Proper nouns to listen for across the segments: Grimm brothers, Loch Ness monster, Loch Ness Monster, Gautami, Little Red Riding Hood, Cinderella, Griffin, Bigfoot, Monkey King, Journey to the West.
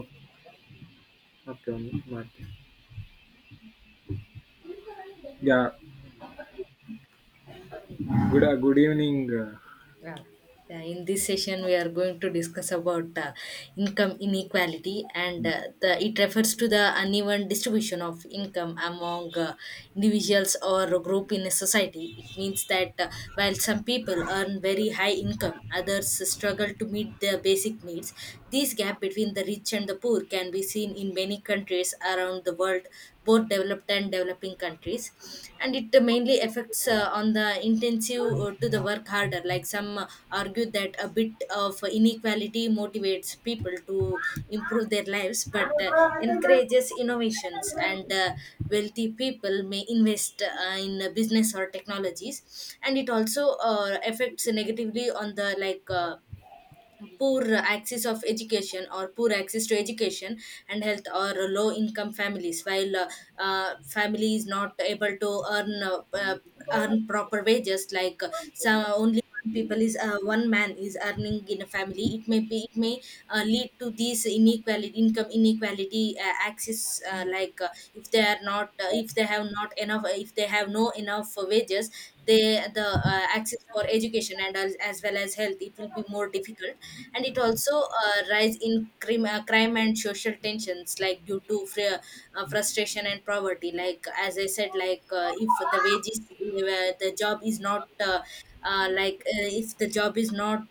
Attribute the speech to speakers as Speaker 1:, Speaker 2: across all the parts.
Speaker 1: Okay. Okay అండి. ಮಾಡ್ತೀನಿ. Yeah good good evening
Speaker 2: Yeah. Yeah, in this session, we are going to discuss about income inequality, and it refers to the uneven distribution of income among individuals or a group in a society. It means that while some people earn very high income, others struggle to meet their basic needs. This gap between the rich and the poor can be seen in many countries around the world, both developed and developing countries, and it mainly affects on the intensive to the work harder, like some argue that a bit of inequality motivates people to improve their lives but encourages innovations, and wealthy people may invest in business or technologies, and it also affects negatively on the, like poor access of education or poor access to education and health or low income families, while family is not able to earn earn proper wages, like some only one people is, one man is earning in a family, it may be, it may lead to these inequality, income inequality access, if they are not, if they have not enough, if they have no enough wages, they the access for education and as well as health, it will be more difficult. And it also rise in crime, crime and social tensions, like due to frustration and poverty. Like as I said, like if the wages, the job is not if the job is not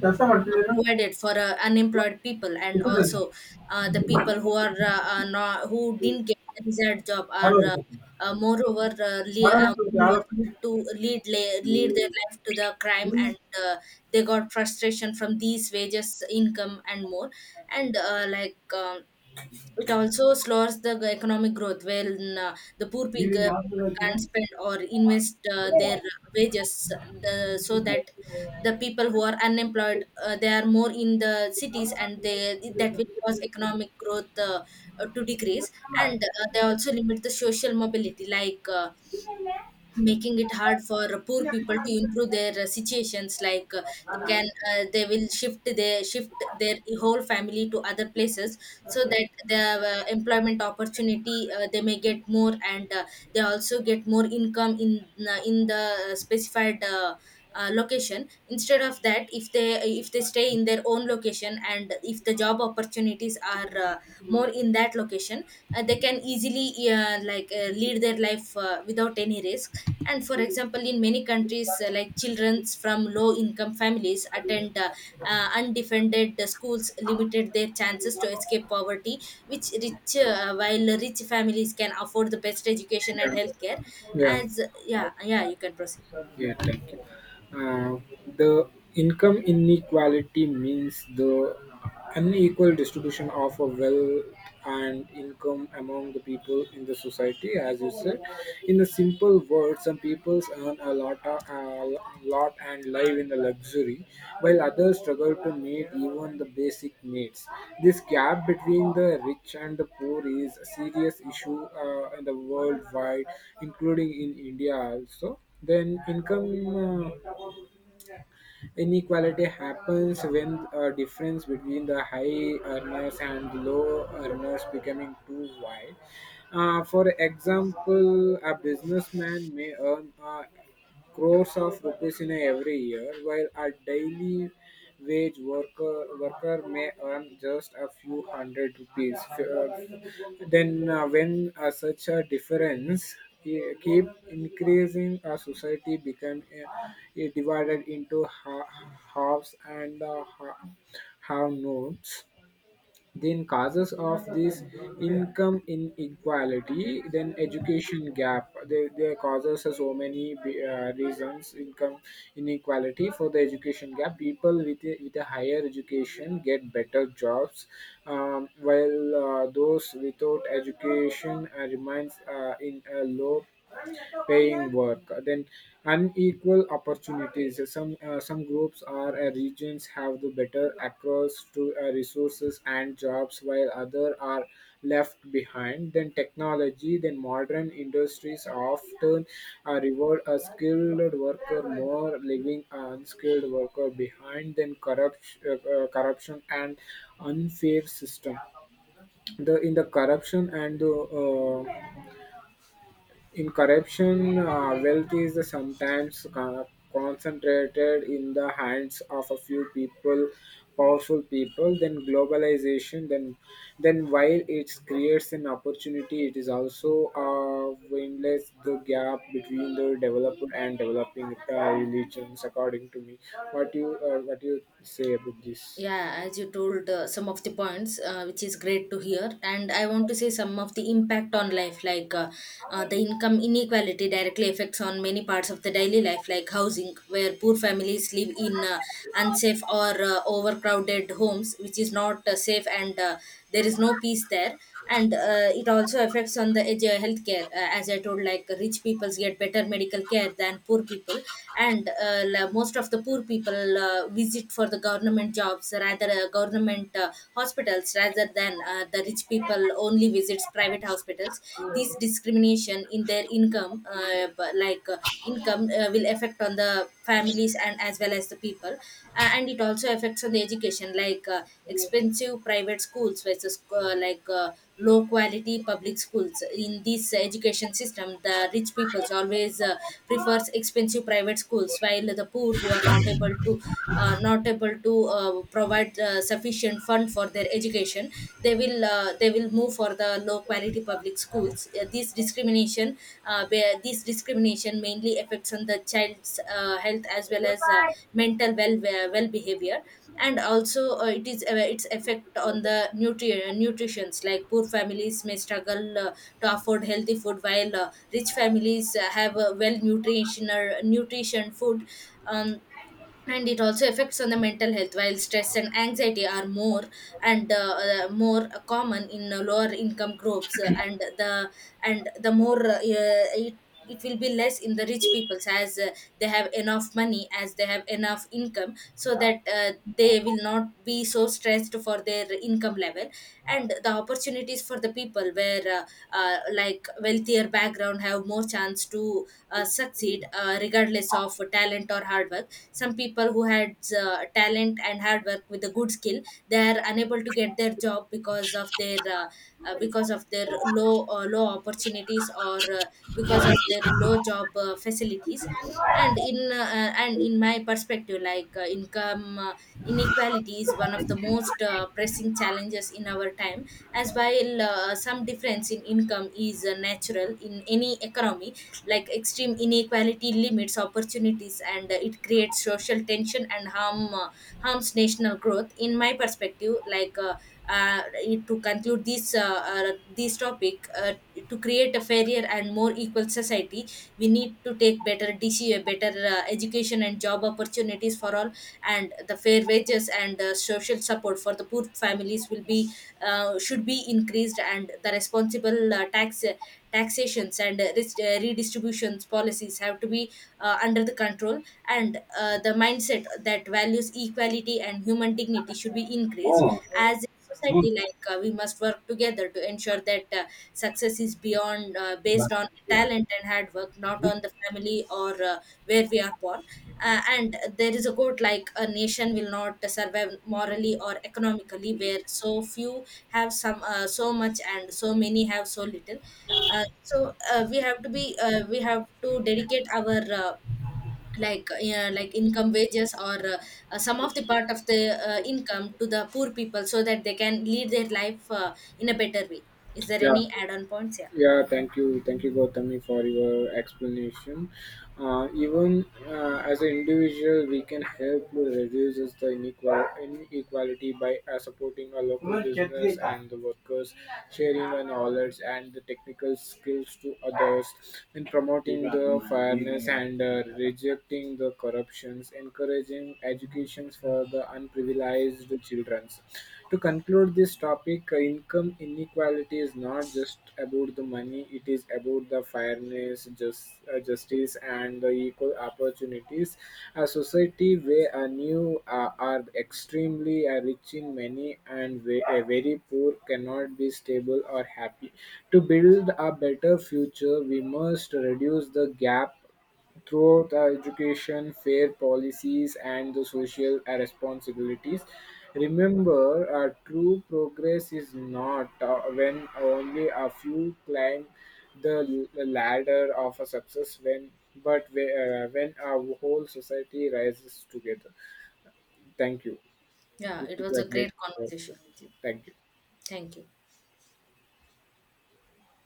Speaker 1: ಕೆಲಸ ಮಾಡ್ತಿದ್ದೀರಾ
Speaker 2: provided for unemployed people, and
Speaker 1: ಇಷ್ಟದಲ್ಲಿ
Speaker 2: also the people who are not, who didn't get the desired job are
Speaker 1: ಮಾಡೋದು
Speaker 2: moreover lead,
Speaker 1: ಮಾಡೋಣ
Speaker 2: moreover
Speaker 1: ಯಾವ್ದು
Speaker 2: lead to lead, lead their life to the crime. And uh, they got frustration from these wages, income and more. And it also slows the economic growth when the poor
Speaker 1: evening ಯಾವ್ದು
Speaker 2: people can't spend or invest their wages, so that the people who are unemployed, they are more in the cities, and they, that will cause economic growth to decrease. And they also limit the social mobility, like making it hard for poor people to improve their situations, like they can they will shift their whole family to other places, so that the employment opportunity, they may get more, and they also get more income in the specified location. Instead of that, if they, if they stay in their own location, and if the job opportunities are more in that location, they can easily lead their life without any risk. And for example, in many countries like children from low income families attend undefended schools, limited their chances to escape poverty, which rich, while rich families can afford the best education and healthcare.
Speaker 1: Yeah
Speaker 2: As, yeah, yeah, you can proceed.
Speaker 1: Yeah thank you Uh, the income inequality means the unequal distribution of a wealth and income among the people in the society, as you said. In a simple word, some people earn a lot and live in the luxury, while others struggle to meet even the basic needs. This gap between the rich and the poor is a serious issue in the worldwide, including in india also. Then income inequality happens when a difference between the high earners and low earners becoming too wide. For example, a businessman may earn crores of rupees in every year, while a daily wage worker may earn just a few hundred rupees. Then, when such a difference keep increasing, a society become divided into halves and have nodes. Then causes of this income inequality, then education gap. They causes are so many reasons income inequality for the education gap. People with a higher education get better jobs, while those without education remains in a low paying work. Then unequal opportunities, some groups or regions have the better access to resources and jobs while other are left behind. Then technology, then modern industries often reward a skilled worker more, leaving an unskilled worker behind. Then corruption and unfair system. The in the corruption and the in corruption, wealth is sometimes concentrated in the hands of a few people, powerful people. Then globalization, then while it creates an opportunity, it is also endless the gap between the developed and developing religions, according to me. What you what you say about this?
Speaker 2: Yeah, as you told some of the points, which is great to hear. And I want to say some of the impact on life, like the income inequality directly affects on many parts of the daily life, like housing, where poor families live in unsafe or overcrowded homes, which is not safe, and there is no peace there. And it also affects on the healthcare. As I told, like rich people get better medical care than poor people. And most of the poor people visit for the government jobs, rather, government hospitals, rather than the rich people only visits private hospitals. This discrimination in their income, income will affect on the families and as well as the people. And it also affects on the education, like expensive private schools versus low quality public schools. In this education system, the rich people always prefers expensive private schools, while the poor who are not able to not able to provide sufficient fund for their education, they will move for the low quality public schools. This discrimination, where this discrimination mainly affects on the child's health as well as mental well, well behavior. And also it is, its effect on the nutrient nutritions, like poor families may struggle to afford healthy food, while rich families have well nutrition food. um, and it also affects on the mental health, while stress and anxiety are more, and more common in lower income groups. And the more it will be less in the rich peoples, as they have enough money, as they have enough income, so that they will not be so stressed for their income level. And the opportunities for the people, where like wealthier background have more chance to succeed regardless of talent or hard work. Some people who had talent and hard work with a good skill, they are unable to get their job because of their low low opportunities, or because of their low job facilities. And in my perspective, like income inequality is one of the most pressing challenges in our time. As while some difference in income is natural in any economy, like extreme inequality limits opportunities, and it creates social tension and harms national growth. In my perspective, uh, to conclude this this topic, to create a fairer and more equal society, we need to take better dc better education and job opportunities for all. And the fair wages and social support for the poor families will be, should be increased, and the responsible taxations and redistributions policies have to be under the control. And the mindset that values equality and human dignity should be increased.
Speaker 1: Oh,
Speaker 2: As a
Speaker 1: no,
Speaker 2: society, like we must work together to ensure that success is beyond,
Speaker 1: but,
Speaker 2: based on
Speaker 1: yeah.
Speaker 2: talent and hard work, not on the family or where we are born. And there is a quote, like, a nation will not survive morally or economically where so few have some, so much, and so many have so little. We have to be, we have to dedicate our like, yeah, like income, wages, or some of the part of the income to the poor people, so that they can lead their life in a better way. Is there
Speaker 1: Yeah.
Speaker 2: any add-on points? Yeah,
Speaker 1: Yeah, thank you, Gautami, for your explanation. Even as an individual, we can help to reduce is the inequality by supporting our local business and the workers, sharing our knowledge and the technical skills to others, and promoting the fairness and rejecting the corruptions, encouraging educations for the unprivileged children. To conclude this topic, income inequality is not just about the money, it is about the fairness, just, justice, and the equal opportunities. A society where a new are extremely rich in many and very poor cannot be stable or happy. To build a better future, we must reduce the gap throughout our education, fair policies, and the social responsibilities. Remember, our true progress is not when only a few climb the ladder of a success, when but whe- when our whole society rises together. Thank you.
Speaker 2: yeah,
Speaker 1: This
Speaker 2: it
Speaker 1: is
Speaker 2: was
Speaker 1: a
Speaker 2: a
Speaker 1: great
Speaker 2: great
Speaker 1: conversation.
Speaker 2: conversation with you.
Speaker 1: Thank you.
Speaker 2: Thank you.